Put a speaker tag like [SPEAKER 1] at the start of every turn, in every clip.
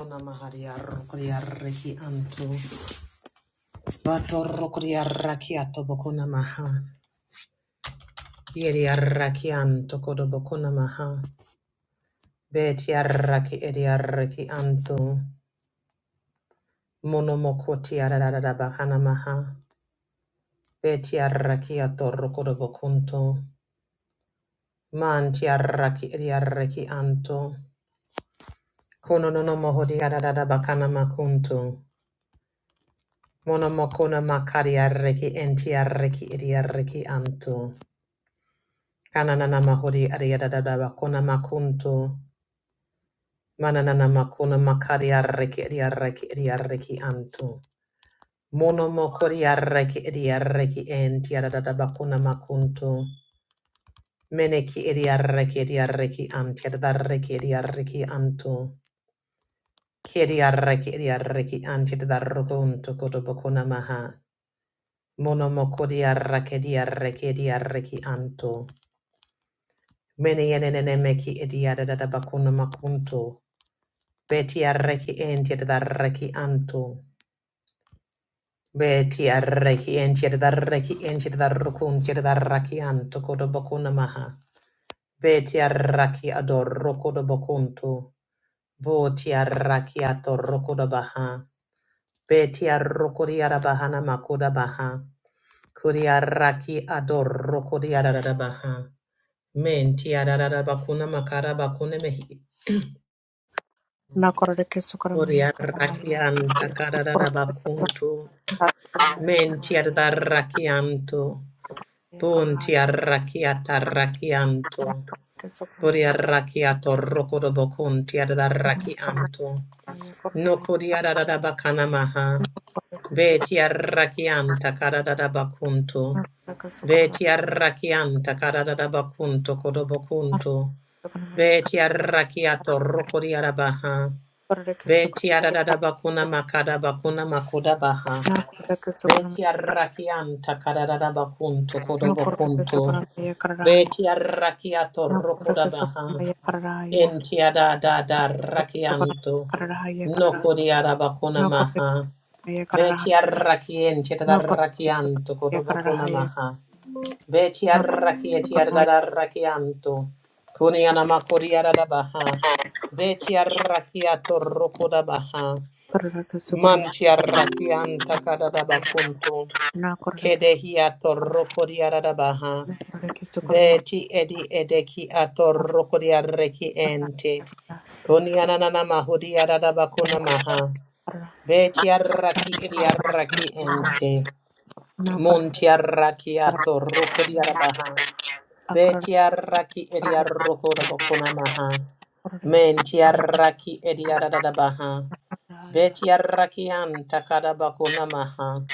[SPEAKER 1] Konamaharia raki anto. Vato rokoria raki ato bokona maha. Yeri rakianto anto kodo bokona maha. Beti raki eri raki anto. Monomokoti ararara bakana maha. Beti raki ato rokodo bokunto. Manti raki eri raki anto. Kono nono mohori ararara bakana makunto. Monomokona makari raki enti raki eri raki anto. Kananana mahori ariadadaba kona makunto. Mananana makuna makari arreki ariarreki ariarreki anto. Mono mokori arreki ariarreki enti aradadaba kona makunto. Meneki ariarreki ariarreki anti adarreki ariarreki anto. Kiri arreki ariarreki anti adarrokunto kodobokona maha. Mono mokori arreki ariarreki ariarreki anto. Mene yenene meki ariadadaba kona makunto. Beti arreki enti da reki anto. Beti arreki enti da reki enti da rukun ti da raki anto kodo bokuna maha. Beti arraki ador kodo bokuntu. Boti arraki ator rokodo baha. Beti arrokodi arabahana makoda baha. Kodi arraki ador rokodi ararabaha. Menti ararabakuna makara bakune mehi.
[SPEAKER 2] Nakorada
[SPEAKER 1] Kodi
[SPEAKER 2] kesokoramaya
[SPEAKER 1] arraki
[SPEAKER 2] karahaya.
[SPEAKER 1] antakara rabakuntu.
[SPEAKER 2] Kasokoramaya
[SPEAKER 1] Menti ad
[SPEAKER 2] karahaya.
[SPEAKER 1] arrachianto,
[SPEAKER 2] Karahaya
[SPEAKER 1] punti
[SPEAKER 2] karahaya.
[SPEAKER 1] arrachiata arrachianto, puri
[SPEAKER 2] Kesokoramaya
[SPEAKER 1] arrachiato rocodoboconti ad arrachianto,
[SPEAKER 2] karahaya karahaya.
[SPEAKER 1] nocodi ad adabacanamaha,
[SPEAKER 2] Korada kesokoramaya
[SPEAKER 1] veti arrachianta caradabacunto,
[SPEAKER 2] korada kesokoramaya
[SPEAKER 1] veti arrachianta caradabacunto codobocunto, veti arrachiato rocodi adabaha, veti
[SPEAKER 2] kesokoramaya
[SPEAKER 1] adabacuna macadabacuna macodabaha.
[SPEAKER 2] korada kesokoramaya Nakorada kesokoramaya
[SPEAKER 1] Beti arrakianta kadadada bakunto kodobo
[SPEAKER 2] Nakorada
[SPEAKER 1] kunto.
[SPEAKER 2] kesokoramaya karahaya.
[SPEAKER 1] Beti arrakiato
[SPEAKER 2] Nakorada
[SPEAKER 1] rokoda baha.
[SPEAKER 2] kesokoramaya karahaya.
[SPEAKER 1] Enti adadada
[SPEAKER 2] Korada
[SPEAKER 1] rakianto.
[SPEAKER 2] kesokoramaya karahaya karahaya.
[SPEAKER 1] Noko di arabakuna maha. Beti arrakienti
[SPEAKER 2] Nakorada
[SPEAKER 1] adarrakianto
[SPEAKER 2] kesokoramaya karahaya. Nakorada kesokoramaya
[SPEAKER 1] kodobo kuna
[SPEAKER 2] karahaya.
[SPEAKER 1] maha. Beti
[SPEAKER 2] Nakorada
[SPEAKER 1] arrakieti adarrakianto. Kuni anamakuri aradabaha. Beti arrakiato rokodabaha.
[SPEAKER 2] kesokoramaya karahaya.
[SPEAKER 1] Manti arrakianta kadadada bakunto.
[SPEAKER 2] Nakorada kesokoramaya karahaya.
[SPEAKER 1] Kedehi atoroko diarabaha.
[SPEAKER 2] Nakorre
[SPEAKER 1] Beti edi edeki atoroko diareki ente. Konianana mahudi arabakuna maha. Beti arraki edi arraki ente. Munti arraki atoroko diarabaha. Beti arraki edi arroko dabakuna maha. Menti arraki edi aradabaha. Beti arraki anta kadabakuna maha.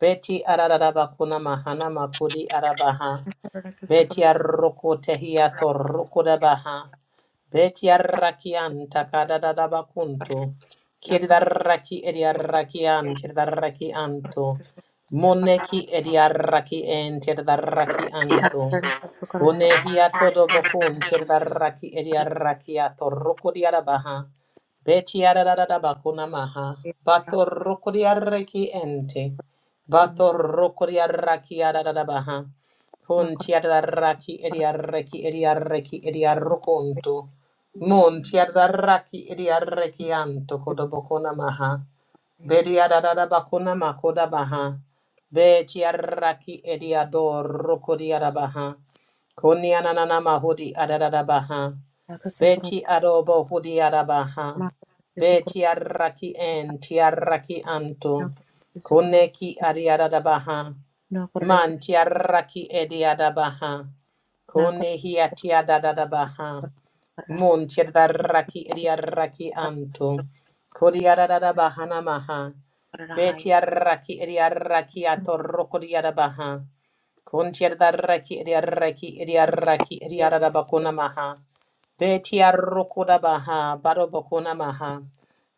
[SPEAKER 1] Beti arararaba kuna mahana makudi arabaha. Beti arroko tehiato roko dabaha. Beti Betiarrakian takadadabakuntu. Kiridarraki ediarrakian tirdarrakianto. Moneki ediarraki en tirdarrakianto. Kunehiato dobokun tirdarraki ediarrakiato rukuriarabaha. Betiaradabakunamaha. Bato rukuriarraki ente. Bato rukuriarraki adadabaha. Kun tiadarraki ediarraki ediarraki ediarrukunto. Mon tiadaraki idiarekian tokotobokona maha. Bediadada bakuna makoda baha. Be tiaraki ediador rokodiada baha. Konianana mahudi adada baha. Beti adobo hudiada baha. Be tiaraki en tiaraki anto. Koneki adiada baha. Man tiaraki ediada baha. Konehi atiada baha. Mun tiadaraki idiaraki anto. Kodiarada bahana maha. Betiaraki idiaraki atoroko diarabaha. Kun tiadaraki idiaraki idiaraki idiarada bakuna maha. Betiaroko dabaha. Baro bakuna maha.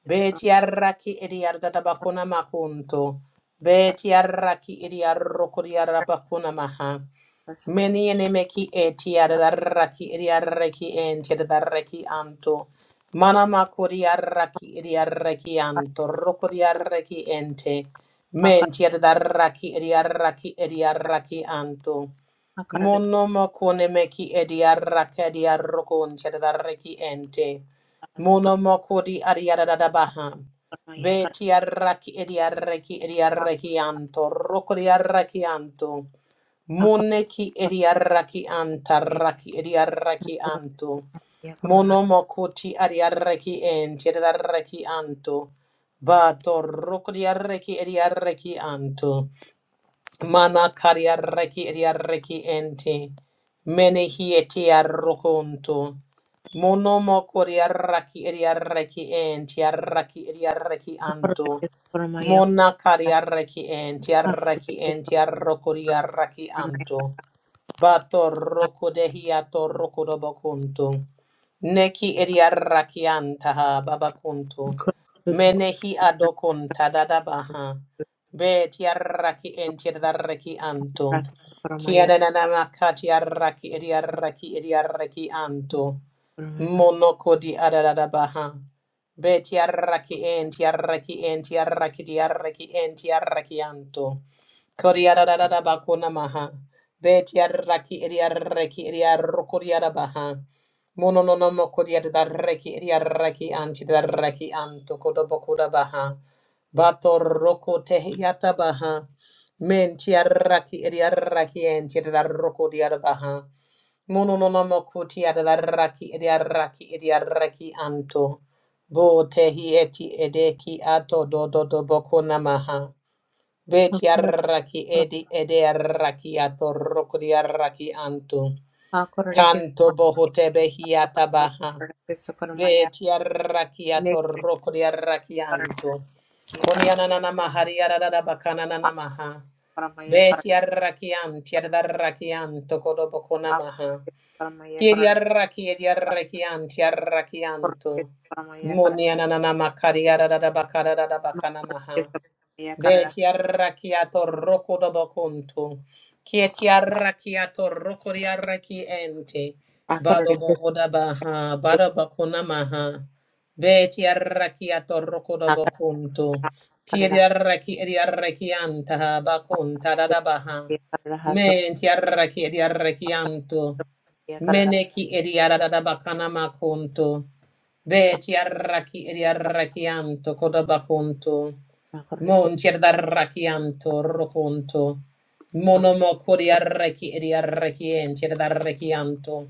[SPEAKER 1] Betiaraki idiarada bakuna makunto. Betiaraki idiaroko diarabakuna maha. Many enemeki eti etiadaraki idiareki and tiadareki anto. Manama kuriaraki idiareki anto. Rokuriareki ente.
[SPEAKER 2] akar
[SPEAKER 1] Men tiadaraki idiaraki idiareki anto.
[SPEAKER 2] akar
[SPEAKER 1] Monomokonemeki idiaraki idiarokon tiadareki ente. Monomokodi adiadadabaha.
[SPEAKER 2] maya akar
[SPEAKER 1] Beti araki idiareki
[SPEAKER 2] akar
[SPEAKER 1] idiareki anto. Rokuriareki anto.
[SPEAKER 2] maya akar akar
[SPEAKER 1] Moneki ediaraki
[SPEAKER 2] maya
[SPEAKER 1] antaraki ediaraki anto.
[SPEAKER 2] akar
[SPEAKER 1] Monomokoti adiaraki en tiedaraki anto. Bato rokodiaraki ediaraki anto. Mana kariarreki riarreki ente. Mene hieti arrokonto. Monomo koriarraki riarreki ente arraki riarreki anto.
[SPEAKER 2] maya akar
[SPEAKER 1] Mona kariarreki ente arraki ente arrokoriarraki anto. Bato roko de hiato roko do bakunto. Neki riarraki antaha babakunto. Menehi adokunta dadabaha.
[SPEAKER 2] maya
[SPEAKER 1] Beti tiaraki enti tiaraki anto. Kiananama ka tiaraki ediaraki ediaraki anto. Monoko di adadabaha. Be tiaraki en tiaraki en tiaraki diaraki enti tiaraki anto. Kori Kodiadadadabako namaha. Be tiaraki ediaraki ediaroko diadabaha. Monononomo kodiadadaraki anti antidaraki anto kodobokodabaha. Bato roko tehiata baha. Men tiaraki ediaraki en tiadaroko diarabaha. Mono no no mo kuti adaraki ediaraki ediaraki anto. Bo tehi eti edeki ato do do do boko namaha. Betiaraki edi ediaraki ato roko diaraki anto. Kanto boho tebehiata baha.
[SPEAKER 2] Sukaramaya,
[SPEAKER 1] Beti arrakiato
[SPEAKER 2] Naked
[SPEAKER 1] roko di arrakianto.
[SPEAKER 2] Karatayakar,
[SPEAKER 1] Konianana mahari arara bakana nana maha.
[SPEAKER 2] Paramaya
[SPEAKER 1] Beti
[SPEAKER 2] Karakar,
[SPEAKER 1] arrakianti arrakianto kodobokona maha.
[SPEAKER 2] Akramaya
[SPEAKER 1] Kiri arraki edi arrakianti arrakianto.
[SPEAKER 2] Karakar,
[SPEAKER 1] Monianana makari arara bakara da
[SPEAKER 2] Akara
[SPEAKER 1] bakana maha. Beti arrakiato roko dobo kuntu. Kieti arrakiato roko di arraki ente. Bado bohoda baha, bado bakuna maha. Beti arrakiato roko dobo kuntu. Kieti arraki edi arrakianta bakunta dada baha. Menti arraki edi arrakianto. Meneki edi arada bakana makuntu. Beti arraki edi arrakianto kodoba kuntu. Mon tierdarrachianto roconto. Monomocoriarrachi ediarrachien tierdarrachianto.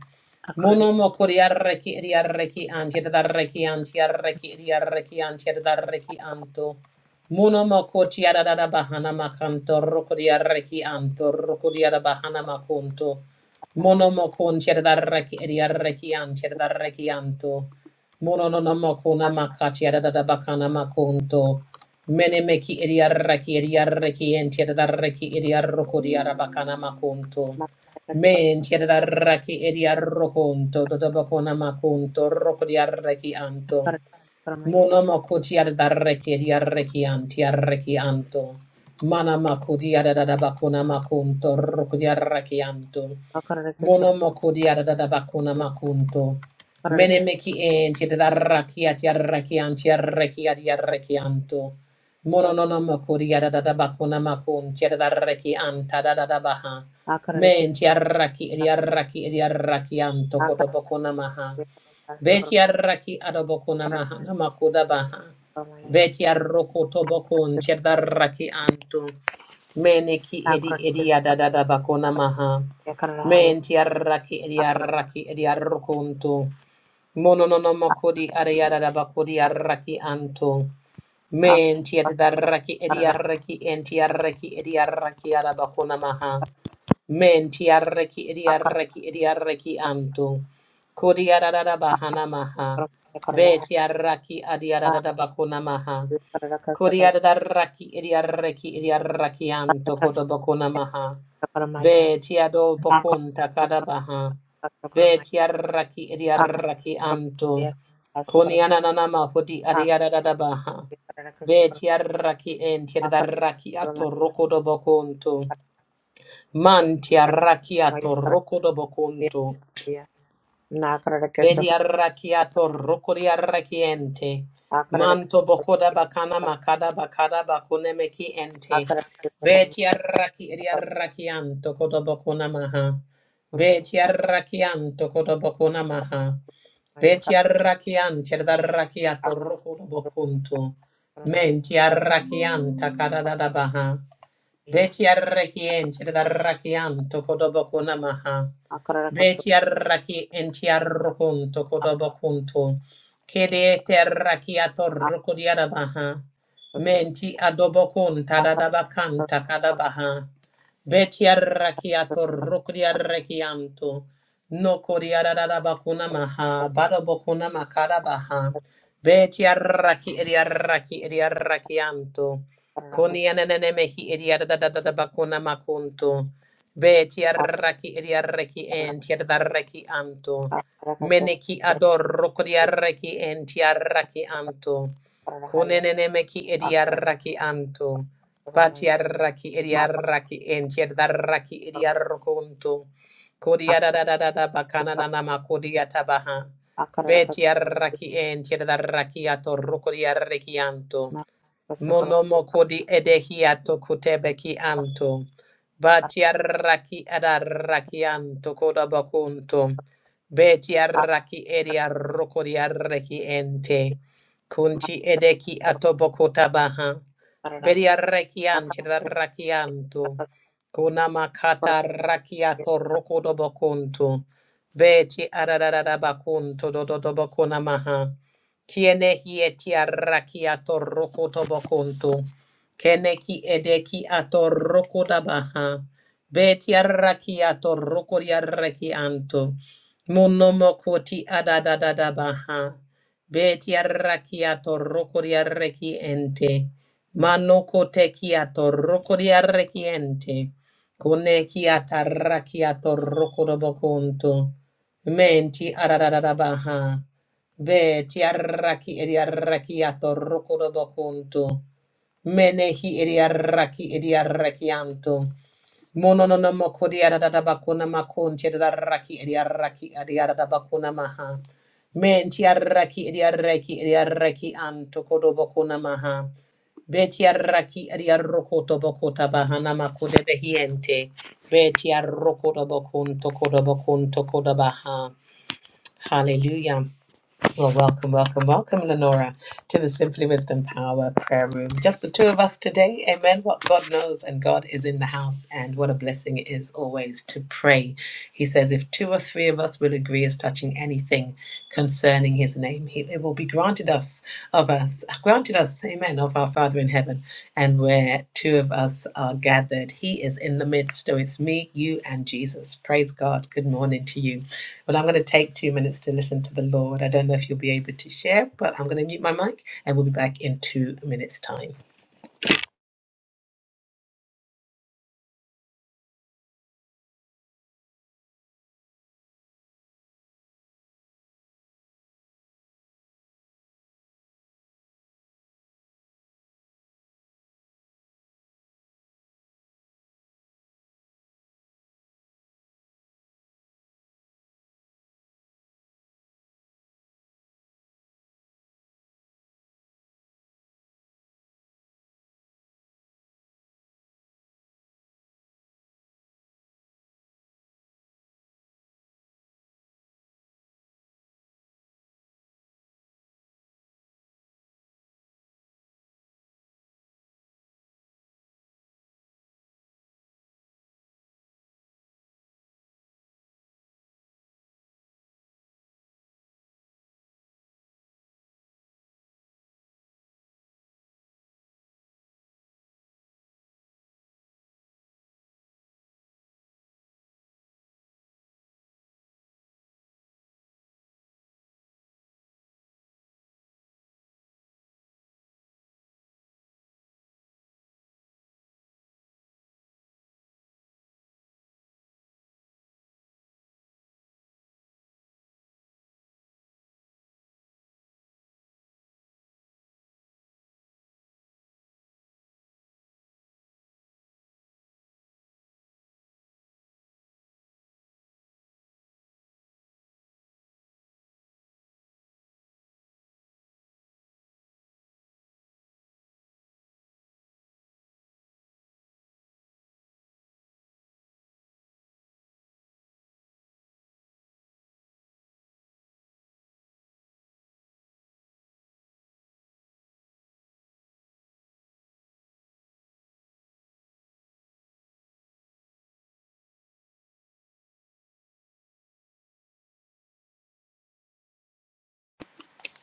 [SPEAKER 1] Monomocoriarrachi ediarrachian tierdarrachian tiarrachi ediarrachian tierdarrachianto. Monomocoriarada bahana macanto rocodiarrachianto rocodiara bahana maconto. Monomocon tierdarrachi ediarrachian tierdarrachianto. Mononomocona macachiarada bacana maconto. Menemeki idiarraki idiarraki entiadarraki idiarroco diarabacana macunto. Men tiadarraki idiarroconto, dodabacona macunto, roco diarraki anto. Mona makoti adarreki diarreki anti arreki anto. Mana makodi adadabakuna makunto rukudiarreki anto. Mona makodi adadabakuna makunto. Mene meki enti adarraki ati arreki anti arreki adi arreki anto. Mono nono makodi adadabakuna makunti adarreki anta adadabaha. Menti arraki diarraki diarreki anto kodobakuna maha. Betiaraki adobokuna mahana makuda baha. Betiaroko tobokun chedaraki antu. Meneki edi edi adadada bakuna maha. Mentiaraki ediaraki ediarokuntu. Mononono makodi ariadada bakodi araki antu. Mentiadaraki ediaraki entiaraki ediaraki adabakuna maha. Mentiaraki ediaraki ediaraki antu. Kodiarada bahana
[SPEAKER 2] Akara
[SPEAKER 1] maha. Betiaraki adiarada bakuna maha. Kodiarada raki idiaraki idiaraki anto kodobakuna maha. Betiado bokunta kadabaha. Betiaraki idiaraki anto. Koniananama hodi adiarada baha. Betiaraki entiadaraki ato rokodobakunto. Mantiaraki ato rokodobakunto. Vedi arrachiato rucuri arrachiente. Manto bocoda bacana macada bacada bacune meki ente. Veti arrachi eri arrachianto codo bocuna maha. Veti arrachianto codo bocuna maha. Veti arrachianti ad arrachiato rucuro bocunto. Menti arrachianta cada da da baha. Beti arraki enti darraki anto kodoboko namaha. Beti arraki enti arrokonto kodobokunto. Kede terraki atorroko diarabaha. Menti adobokun tadadabakanta kadabaha. Beti arraki atorroko diarraki anto. Noko diarabakuna maha. Badobokuna makarabaha. Beti arraki ediarraki ediarraki anto. Koni ananene mehi idiada da da da da bakuna makunto. Be tiarraki idiarreki en tiadarreki anto. Meneki ador rokodiarreki en tiarraki anto. Kunenene meki
[SPEAKER 2] akara
[SPEAKER 1] idiarraki anto.
[SPEAKER 2] koroma
[SPEAKER 1] Batiarraki
[SPEAKER 2] mata
[SPEAKER 1] idiarraki en tiadarraki
[SPEAKER 2] koroma
[SPEAKER 1] idiarrokunto. Kodiada
[SPEAKER 2] akara
[SPEAKER 1] da da da da bakana
[SPEAKER 2] ikara
[SPEAKER 1] nanama kodiata baha.
[SPEAKER 2] akara
[SPEAKER 1] Be
[SPEAKER 2] rakas
[SPEAKER 1] tiarraki en tiadarraki ator rokodiarreki anto.
[SPEAKER 2] mata kas koroma
[SPEAKER 1] Monomokodi edehiato kutebeki anto.
[SPEAKER 2] akara
[SPEAKER 1] Batiaraki adaraki anto kodabakunto. Betiaraki ediarokodiareki ente. Kunti
[SPEAKER 2] mata
[SPEAKER 1] edeki atobokota baha,
[SPEAKER 2] koroma
[SPEAKER 1] Bediareki antiaraki anto. Kunamakata rakiato rokodobakunto. Beti adadadabakunto dododobakunamaha. Kiene hi eti arraki atorroko tobokonto. Kene ki edeki atorroko dabaha. Beti arraki atorroko di arraki anto. Monomoko ti adadadadabaha. Beti arraki atorroko di arraki ente. Manoko teki atorroko di arraki ente. Kone ki atarraki atorroko dobokonto. Menti adadadabaha. Be tiarraki ediarrakiato rokodobokuntu. Menehi ediarraki ediarrakianto. Monononomoko diaradabakuna makun tiarraki ediarraki adiaradabakuna maha. Men tiarraki ediarraki ediarraki anto kodobokuna maha. Betiarraki ariarrokoto bokota bahana makode behiente. Betiarrokoto bokunto kodo bokunto kodo baha. Hallelujah. Well, welcome, welcome, welcome, Lenora, to the Simply Wisdom Power Prayer Room. Just the two of us today. Amen. What God knows and God is in the house, and what a blessing it is always to pray. He says, If two or three of us will agree as touching anything concerning his name, he, it will be granted us of us, granted us, amen, of our Father in heaven. And where two of us are gathered, he is in the midst. So it's me, you, and Jesus. Praise God. Good morning to you. Well, I'm going to take two minutes to listen to the Lord. I don't know if you'll be able to share, but I'm going to mute my mic and we'll be back in two minutes' time.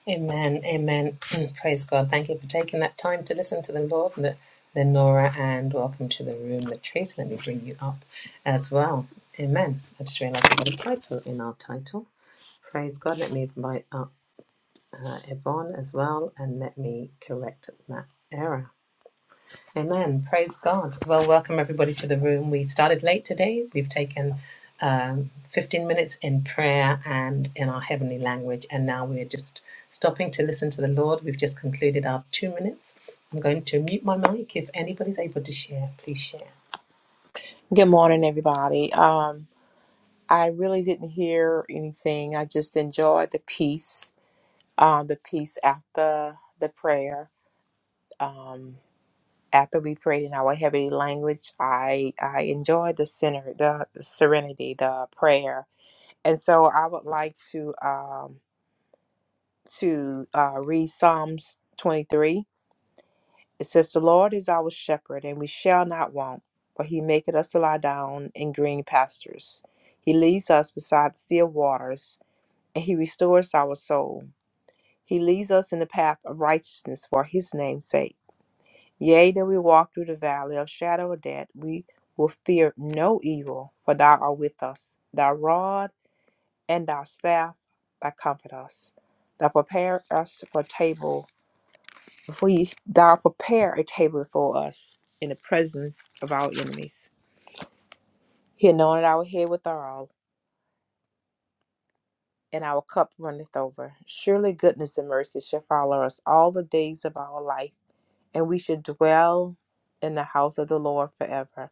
[SPEAKER 1] Amen. Amen. Praise God. Thank you for taking that time to listen to the Lord, Le- Lenora, and welcome to the room, Latrice. Let me bring you up as well. Amen. I just realized I've got a typo in our title. Praise God. Let me invite up uh, Yvonne as well and let me correct that error. Amen. Praise God. Well, welcome everybody to the room. We started late today. We've taken um, 15 minutes in prayer and in our heavenly language, and now we're just stopping to listen to the Lord. We've just concluded our two minutes. I'm going to mute my mic. If anybody's able to share, please share.
[SPEAKER 2] Good morning, everybody. Um, I really didn't hear anything. I just enjoyed the peace, uh, the peace after the prayer. Um, after we prayed in our heavenly language, I I enjoyed the center, the serenity, the prayer. And so I would like to um, to uh, read Psalms 23. It says, "The Lord is our shepherd, and we shall not want. For He maketh us to lie down in green pastures. He leads us beside still waters, and He restores our soul. He leads us in the path of righteousness for His name's sake. Yea, though we walk through the valley of shadow of death, we will fear no evil, for Thou art with us. Thy rod and thy staff that comfort us. Thou prepare us for a table before you thou prepare a table before us in the presence of our enemies. He anointed our head with oil, and our cup runneth over. Surely goodness and mercy shall follow us all the days of our life, and we shall dwell in the house of the Lord forever.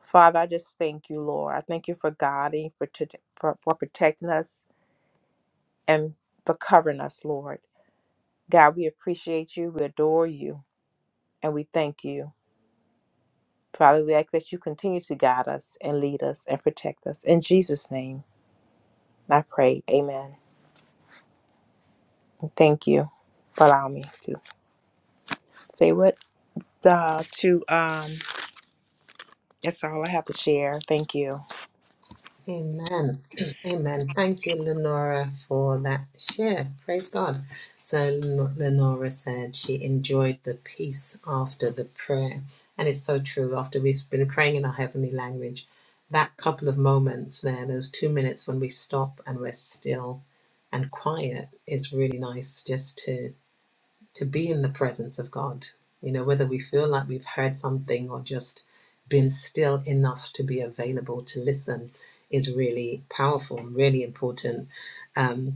[SPEAKER 2] Father, I just thank you, Lord. I thank you for guiding, for, t- for for protecting us, and for covering us, Lord. God, we appreciate you, we adore you, and we thank you. Father, we ask that you continue to guide us and lead us and protect us. In Jesus' name, I pray. Amen. And Thank you for allowing me to say what uh, to um that's all I have to share. Thank you.
[SPEAKER 1] Amen. Amen. Thank you, Lenora, for that share. Praise God. So, Len- Lenora said she enjoyed the peace after the prayer. And it's so true. After we've been praying in our heavenly language, that couple of moments there, those two minutes when we stop and we're still and quiet, is really nice just to to be in the presence of God. You know, whether we feel like we've heard something or just been still enough to be available to listen is really powerful and really important. Um,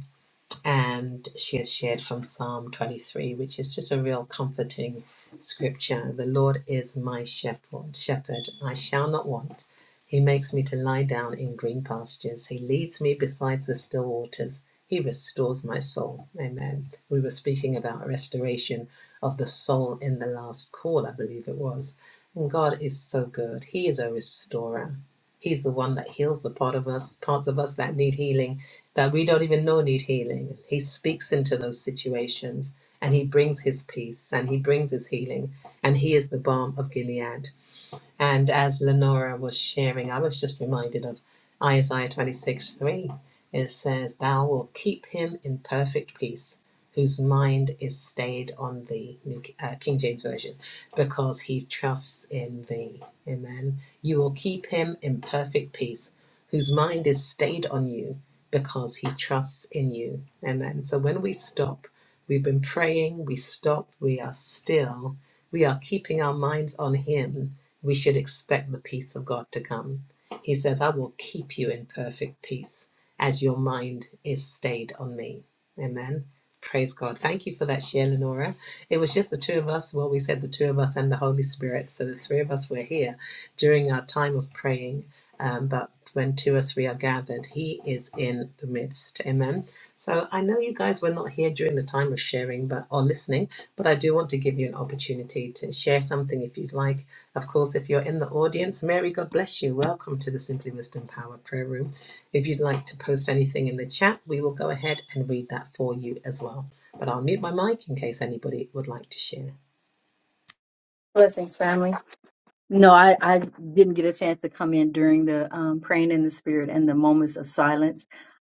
[SPEAKER 1] and she has shared from Psalm 23, which is just a real comforting scripture. The Lord is my shepherd, shepherd, I shall not want. He makes me to lie down in green pastures. He leads me beside the still waters. He restores my soul. Amen. We were speaking about restoration of the soul in the last call, I believe it was. And God is so good. He is a restorer. He's the one that heals the part of us, parts of us that need healing that we don't even know need healing. He speaks into those situations and he brings his peace and he brings his healing and he is the balm of Gilead. And as Lenora was sharing, I was just reminded of Isaiah 26 3. It says, Thou will keep him in perfect peace, whose mind is stayed on thee, New uh, King James Version, because he trusts in thee. Amen. You will keep him in perfect peace, whose mind is stayed on you, because he trusts in you. Amen. So when we stop, we've been praying, we stop, we are still, we are keeping our minds on him we should expect the peace of God to come. He says, I will keep you in perfect peace as your mind is stayed on me. Amen. Praise God. Thank you for that share, Lenora. It was just the two of us. Well, we said the two of us and the Holy Spirit. So the three of us were here during our time of praying. Um, but when two or three are gathered, He is in the midst. Amen. So I know you guys were not here during the time of sharing but or listening, but I do want to give you an opportunity to share something if you'd like of course, if you're in the audience, Mary, God bless you. Welcome to the Simply Wisdom Power Prayer Room. If you'd like to post anything in the chat, we will go ahead and read that for you as well. But I'll mute my mic in case anybody would like to share.
[SPEAKER 3] Blessings, family. No, I, I didn't get a chance to come in during the um, praying in the spirit and the moments of silence.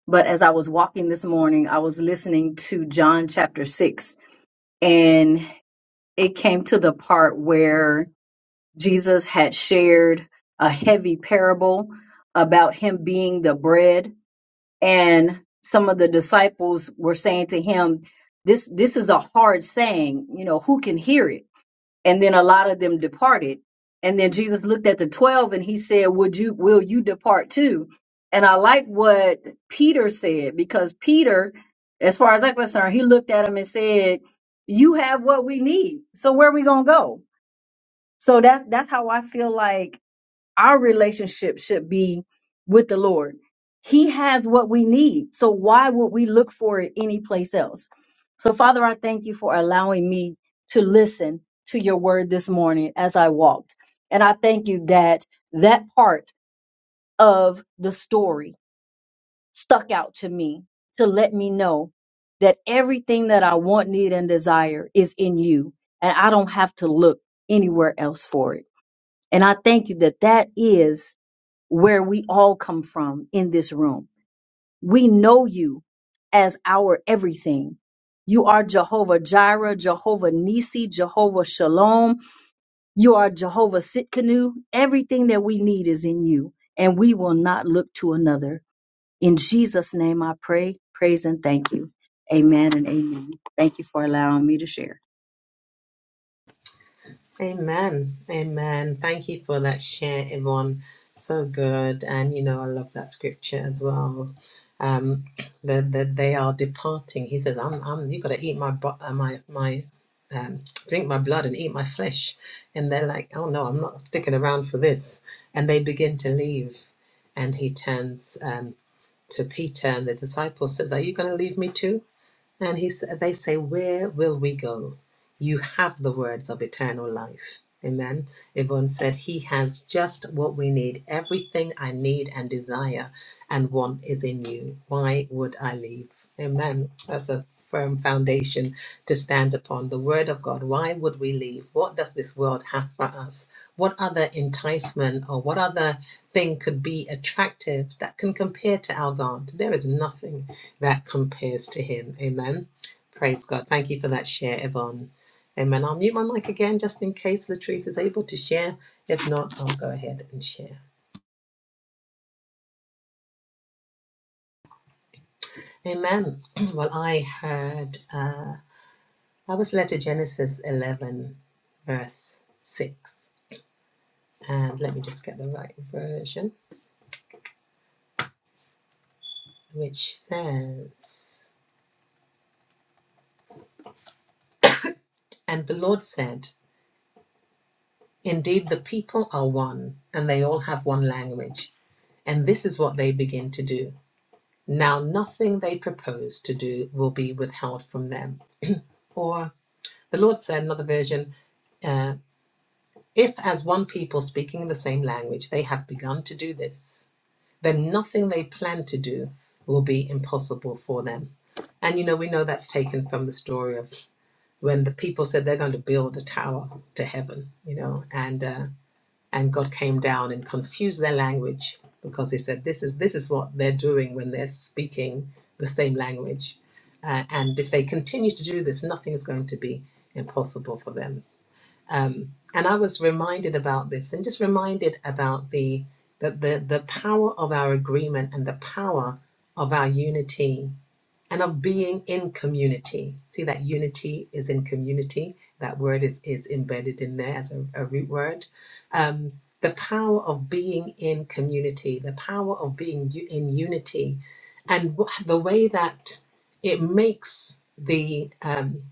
[SPEAKER 3] But as I was walking this morning, I was listening to John chapter 6, and it came to the part where Jesus had shared a heavy parable about him being the bread. And some of the disciples were saying to him, this, this is a hard saying, you know, who can hear it? and then a lot of them departed and then jesus looked at the 12 and he said would you will you depart too and i like what peter said because peter as far as i'm concerned he looked at him and said you have what we need so where are we gonna go so that's that's how i feel like our relationship should be with the Lord. He has what we need. So why would we look for it anyplace else? So, Father, I thank you for allowing me to listen to your word this morning as I walked. And I thank you that that part of the story stuck out to me to let me know that everything that I want, need, and desire is in you. And I don't have to look anywhere else for it. And I thank you that that is where we all come from in this room. We know you as our everything. You are Jehovah Jireh, Jehovah Nisi, Jehovah Shalom. You are Jehovah Sitkanu. Everything that we need is in you, and we will not look to another. In Jesus' name I pray, praise, and thank you. Amen and amen. Thank you for allowing me to share.
[SPEAKER 1] Amen. Amen. Thank you for that share, Yvonne. So good. And you know, I love that scripture as well. Um, that that they are departing. He says, I'm I'm you have gotta eat my bo- uh, my my um, drink my blood and eat my flesh. And they're like, Oh no, I'm not sticking around for this. And they begin to leave. And he turns um to Peter and the disciple says, Are you gonna leave me too? And he, they say, Where will we go? You have the words of eternal life. Amen. Yvonne said, He has just what we need, everything I need and desire and one is in you. Why would I leave? Amen. That's a firm foundation to stand upon. The word of God. Why would we leave? What does this world have for us? What other enticement or what other thing could be attractive that can compare to our God? There is nothing that compares to Him. Amen. Praise God. Thank you for that share, Yvonne. Amen. I'll mute my mic again just in case Latrice is able to share. If not, I'll go ahead and share. Amen. Well, I heard, uh, I was led to Genesis 11, verse 6. And let me just get the right version, which says, And the Lord said, Indeed, the people are one, and they all have one language. And this is what they begin to do. Now, nothing they propose to do will be withheld from them. Or, the Lord said, another version, uh, If as one people speaking the same language, they have begun to do this, then nothing they plan to do will be impossible for them. And you know, we know that's taken from the story of when the people said they're going to build a tower to heaven, you know, and uh, and God came down and confused their language because He said, "This is this is what they're doing when they're speaking the same language, uh, and if they continue to do this, nothing is going to be impossible for them." um, and I was reminded about this, and just reminded about the the the, the power of our agreement and the power of our unity and of being in community. See that unity is in community. That word is, is embedded in there as a, a root word. Um, the power of being in community, the power of being u- in unity, and wh- the way that it makes the um,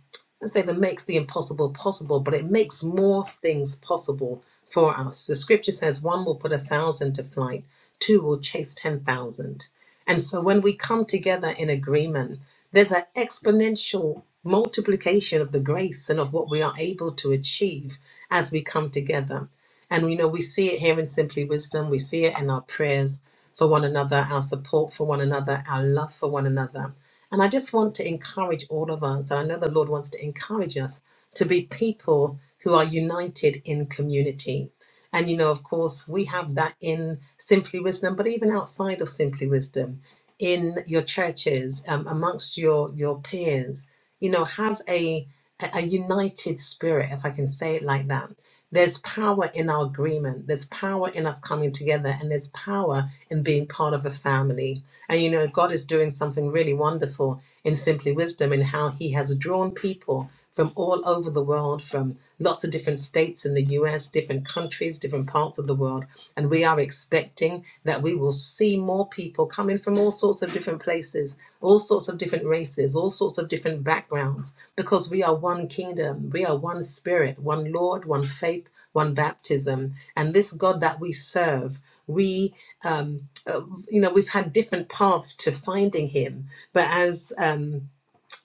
[SPEAKER 1] let's say that makes the impossible possible, but it makes more things possible for us. The scripture says, "One will put a thousand to flight; two will chase ten thousand. And so when we come together in agreement, there's an exponential multiplication of the grace and of what we are able to achieve as we come together. And you know, we see it here in Simply Wisdom, we see it in our prayers for one another, our support for one another, our love for one another. And I just want to encourage all of us, and I know the Lord wants to encourage us to be people who are united in community and you know, of course, we have that in Simply Wisdom, but even outside of Simply Wisdom, in your churches, um, amongst your your peers, you know, have a a a united spirit, if I can say it like that there's power in our agreement. There's power in us coming together, and there's power in being part of a family. And you know, God is doing something really wonderful in Simply Wisdom in how He has drawn people from all over the world, from lots of different states in the US, different countries, different parts of the world. And we are expecting that we will see more people coming from all sorts of different places, all sorts of different races, all sorts of different backgrounds because we are one kingdom, we are one spirit, one Lord, one faith, one baptism. And this God that we serve, we, um, uh, you know, we've had different paths to finding Him. But as um,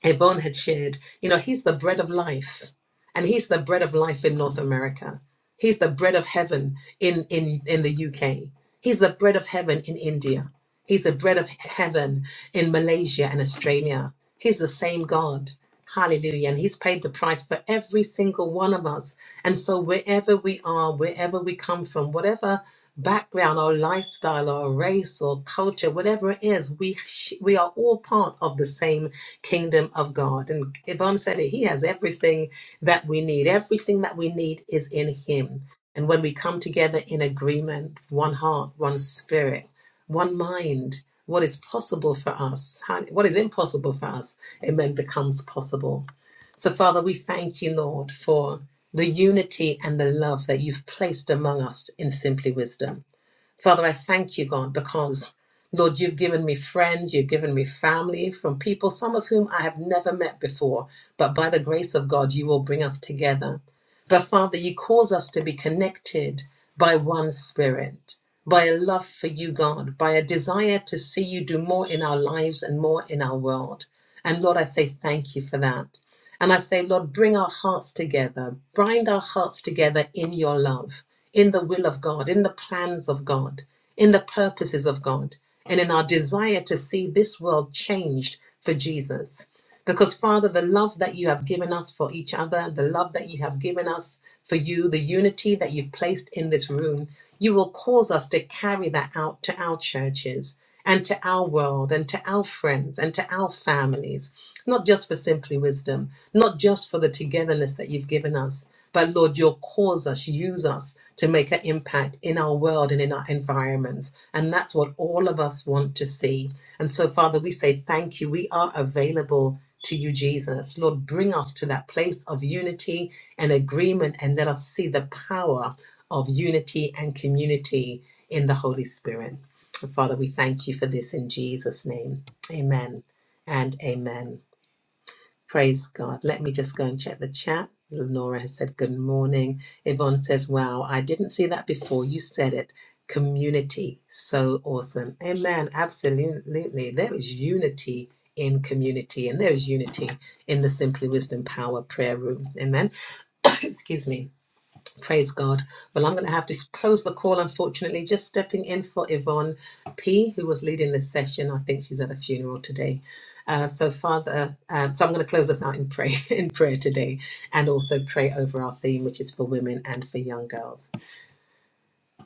[SPEAKER 1] Yvonne had shared, you know, he's the bread of life. And he's the bread of life in North America. He's the bread of heaven in, in, in the UK. He's the bread of heaven in India. He's the bread of heaven in Malaysia and Australia. He's the same God. Hallelujah. And he's paid the price for every single one of us. And so wherever we are, wherever we come from, whatever background or lifestyle or race or culture, whatever it is, we, sh- we are all part of the same kingdom of God. And Yvonne said it, He has everything that we need. Everything that we need is in Him. And when we come together in agreement, one heart, one spirit, one mind, what is possible for us, how- what is impossible for us, amen, becomes possible. So, Father, we thank you, Lord, for the unity and the love that you've placed among us in simply wisdom. Father, I thank you, God, because, Lord, you've given me friends, you've given me family from people, some of whom I have never met before, but by the grace of God, you will bring us together. But, Father, you cause us to be connected by one spirit, by a love for you, God, by a desire to see you do more in our lives and more in our world. And, Lord, I say thank you for that. And I say, Lord, bring our hearts together, bind our hearts together in your love, in the will of God, in the plans of God, in the purposes of God, and in our desire to see this world changed for Jesus. Because, Father, the love that you have given us for each other, the love that you have given us for you, the unity that you've placed in this room, you will cause us to carry that out to our churches and to our world and to our friends and to our families. It's not just for simply wisdom, not just for the togetherness that you've given us, but Lord, you'll cause us, use us to make an impact in our world and in our environments. And that's what all of us want to see. And so, Father, we say thank you. We are available to you, Jesus. Lord, bring us to that place of unity and agreement and let us see the power of unity and community in the Holy Spirit. Father, we thank you for this in Jesus' name. Amen and amen. Praise God. Let me just go and check the chat. Lenora has said good morning. Yvonne says, Wow, I didn't see that before. You said it. Community. So awesome. Amen. Absolutely. There is unity in community and there is unity in the Simply Wisdom Power Prayer Room. Amen. Excuse me. Praise God. Well, I'm going to have to close the call, unfortunately. Just stepping in for Yvonne P., who was leading this session. I think she's at a funeral today. Uh, so, Father, uh, so I'm going to close us out in prayer, in prayer today, and also pray over our theme, which is for women and for young girls.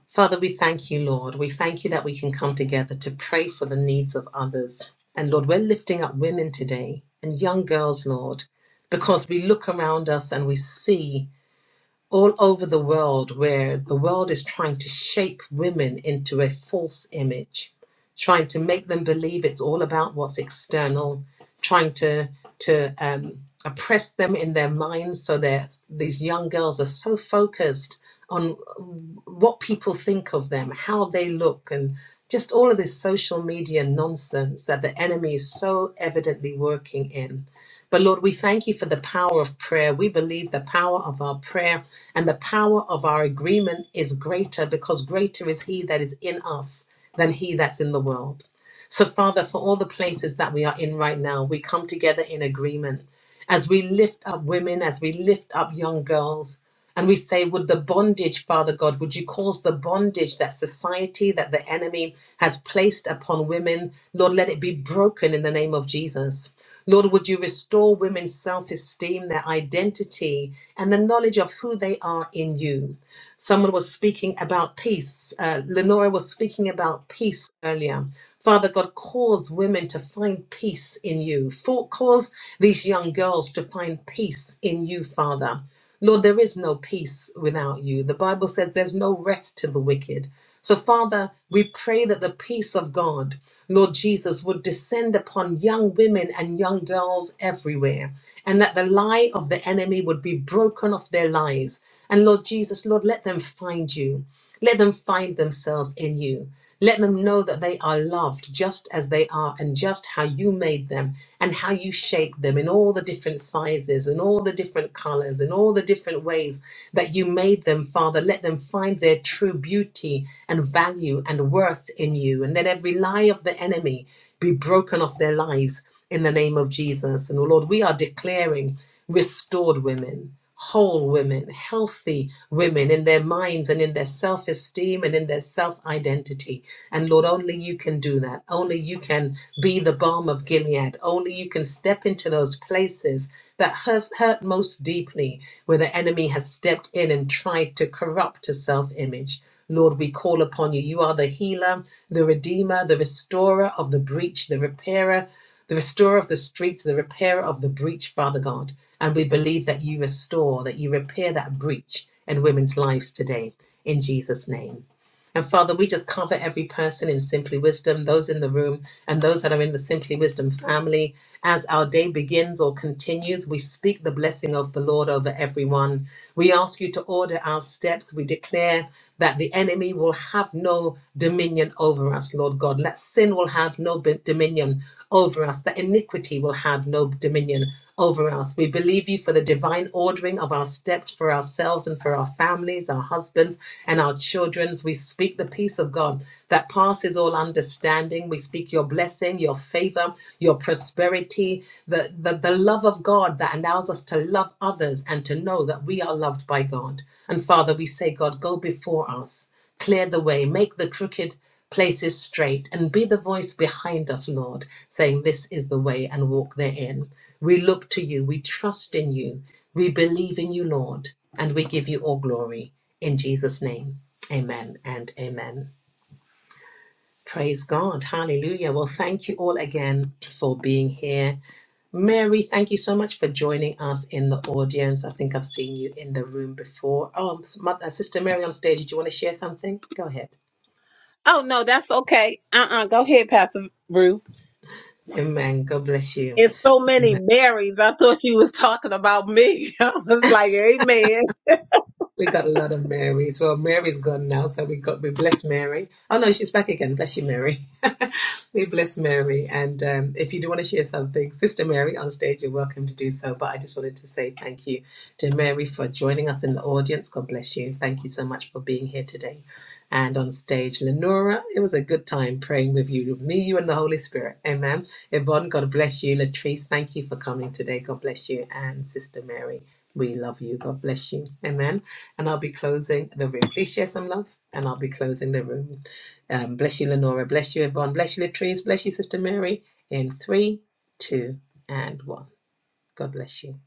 [SPEAKER 1] Father, we thank you, Lord. We thank you that we can come together to pray for the needs of others. And Lord, we're lifting up women today and young girls, Lord, because we look around us and we see all over the world where the world is trying to shape women into a false image, trying to make them believe it's all about what's external, trying to to um, oppress them in their minds so that these young girls are so focused on what people think of them, how they look, and just all of this social media nonsense that the enemy is so evidently working in. But Lord, we thank you for the power of prayer. We believe the power of our prayer and the power of our agreement is greater because greater is He that is in us than He that's in the world. So, Father, for all the places that we are in right now, we come together in agreement as we lift up women, as we lift up young girls, and we say, Would the bondage, Father God, would you cause the bondage that society, that the enemy has placed upon women, Lord, let it be broken in the name of Jesus. Lord, would you restore women's self esteem, their identity, and the knowledge of who they are in you? Someone was speaking about peace. Uh, Lenora was speaking about peace earlier. Father God, cause women to find peace in you. For, cause these young girls to find peace in you, Father. Lord, there is no peace without you. The Bible says there's no rest to the wicked. So, Father, we pray that the peace of God, Lord Jesus, would descend upon young women and young girls everywhere, and that the lie of the enemy would be broken off their lives and Lord Jesus, Lord, let them find you. Let them find themselves in you. Let them know that they are loved just as they are and just how you made them and how you shaped them in all the different sizes and all the different colors and all the different ways that you made them, Father. Let them find their true beauty and value and worth in you. And let every lie of the enemy be broken off their lives in the name of Jesus. And oh Lord, we are declaring restored women, whole women, healthy women in their minds and in their self esteem and in their self identity. And Lord, only you can do that. Only you can be the balm of Gilead. Only you can step into those places that hurt, hurt most deeply, where the enemy has stepped in and tried to corrupt a self image. Lord, we call upon you. You are the healer, the redeemer, the restorer of the breach, the repairer, the restorer of the streets, the repairer of the breach, Father God. And we believe that you restore, that you repair that breach in women's lives today. In Jesus' name. And Father, we just cover every person in Simply Wisdom, those in the room, and those that are in the Simply Wisdom family. As our day begins or continues, we speak the blessing of the Lord over everyone. We ask you to order our steps. We declare that the enemy will have no dominion over us, Lord God. That sin will have no b- dominion over us, that iniquity will have no dominion over us. We believe you for the divine ordering of our steps for ourselves and for our families, our husbands, and our children. We speak the peace of God that passes all understanding. We speak your blessing, your favor, your prosperity, the, the, the love of God that allows us to love others and to know that we are loved by God. And Father, we say, God, go before us. Clear the way, make the crooked places straight, and be the voice behind us, Lord, saying, This is the way, and walk therein. We look to you, we trust in you, we believe in you, Lord, and we give you all glory. In Jesus' name, amen and amen. Praise God. Hallelujah. Well, thank you all again for being here. Mary, thank you so much for joining us in the audience. I think I've seen you in the room before. Oh, um, Mother, Sister Mary on stage, did you want to share something? Go ahead.
[SPEAKER 4] Oh no, that's okay. Uh-uh. Go ahead, Pastor Ruth.
[SPEAKER 1] Amen. God bless you.
[SPEAKER 4] It's so many Marys. I thought she was talking about me. I was like, Amen.
[SPEAKER 1] We got a lot of Marys. Well, Mary's gone now, so we got we bless Mary. Oh no, she's back again. Bless you, Mary. we bless Mary. And um, if you do want to share something, Sister Mary on stage, you're welcome to do so. But I just wanted to say thank you to Mary for joining us in the audience. God bless you. Thank you so much for being here today. And on stage, Lenora, it was a good time praying with you, with me, you, and the Holy Spirit. Amen. Yvonne, God bless you. Latrice, thank you for coming today. God bless you. And Sister Mary, we love you. God bless you. Amen. And I'll be closing the room. Please share some love, and I'll be closing the room. Um, bless you, Lenora. Bless you, Yvonne. Bless you, Latrice. Bless you, Sister Mary. In three, two, and one. God bless you.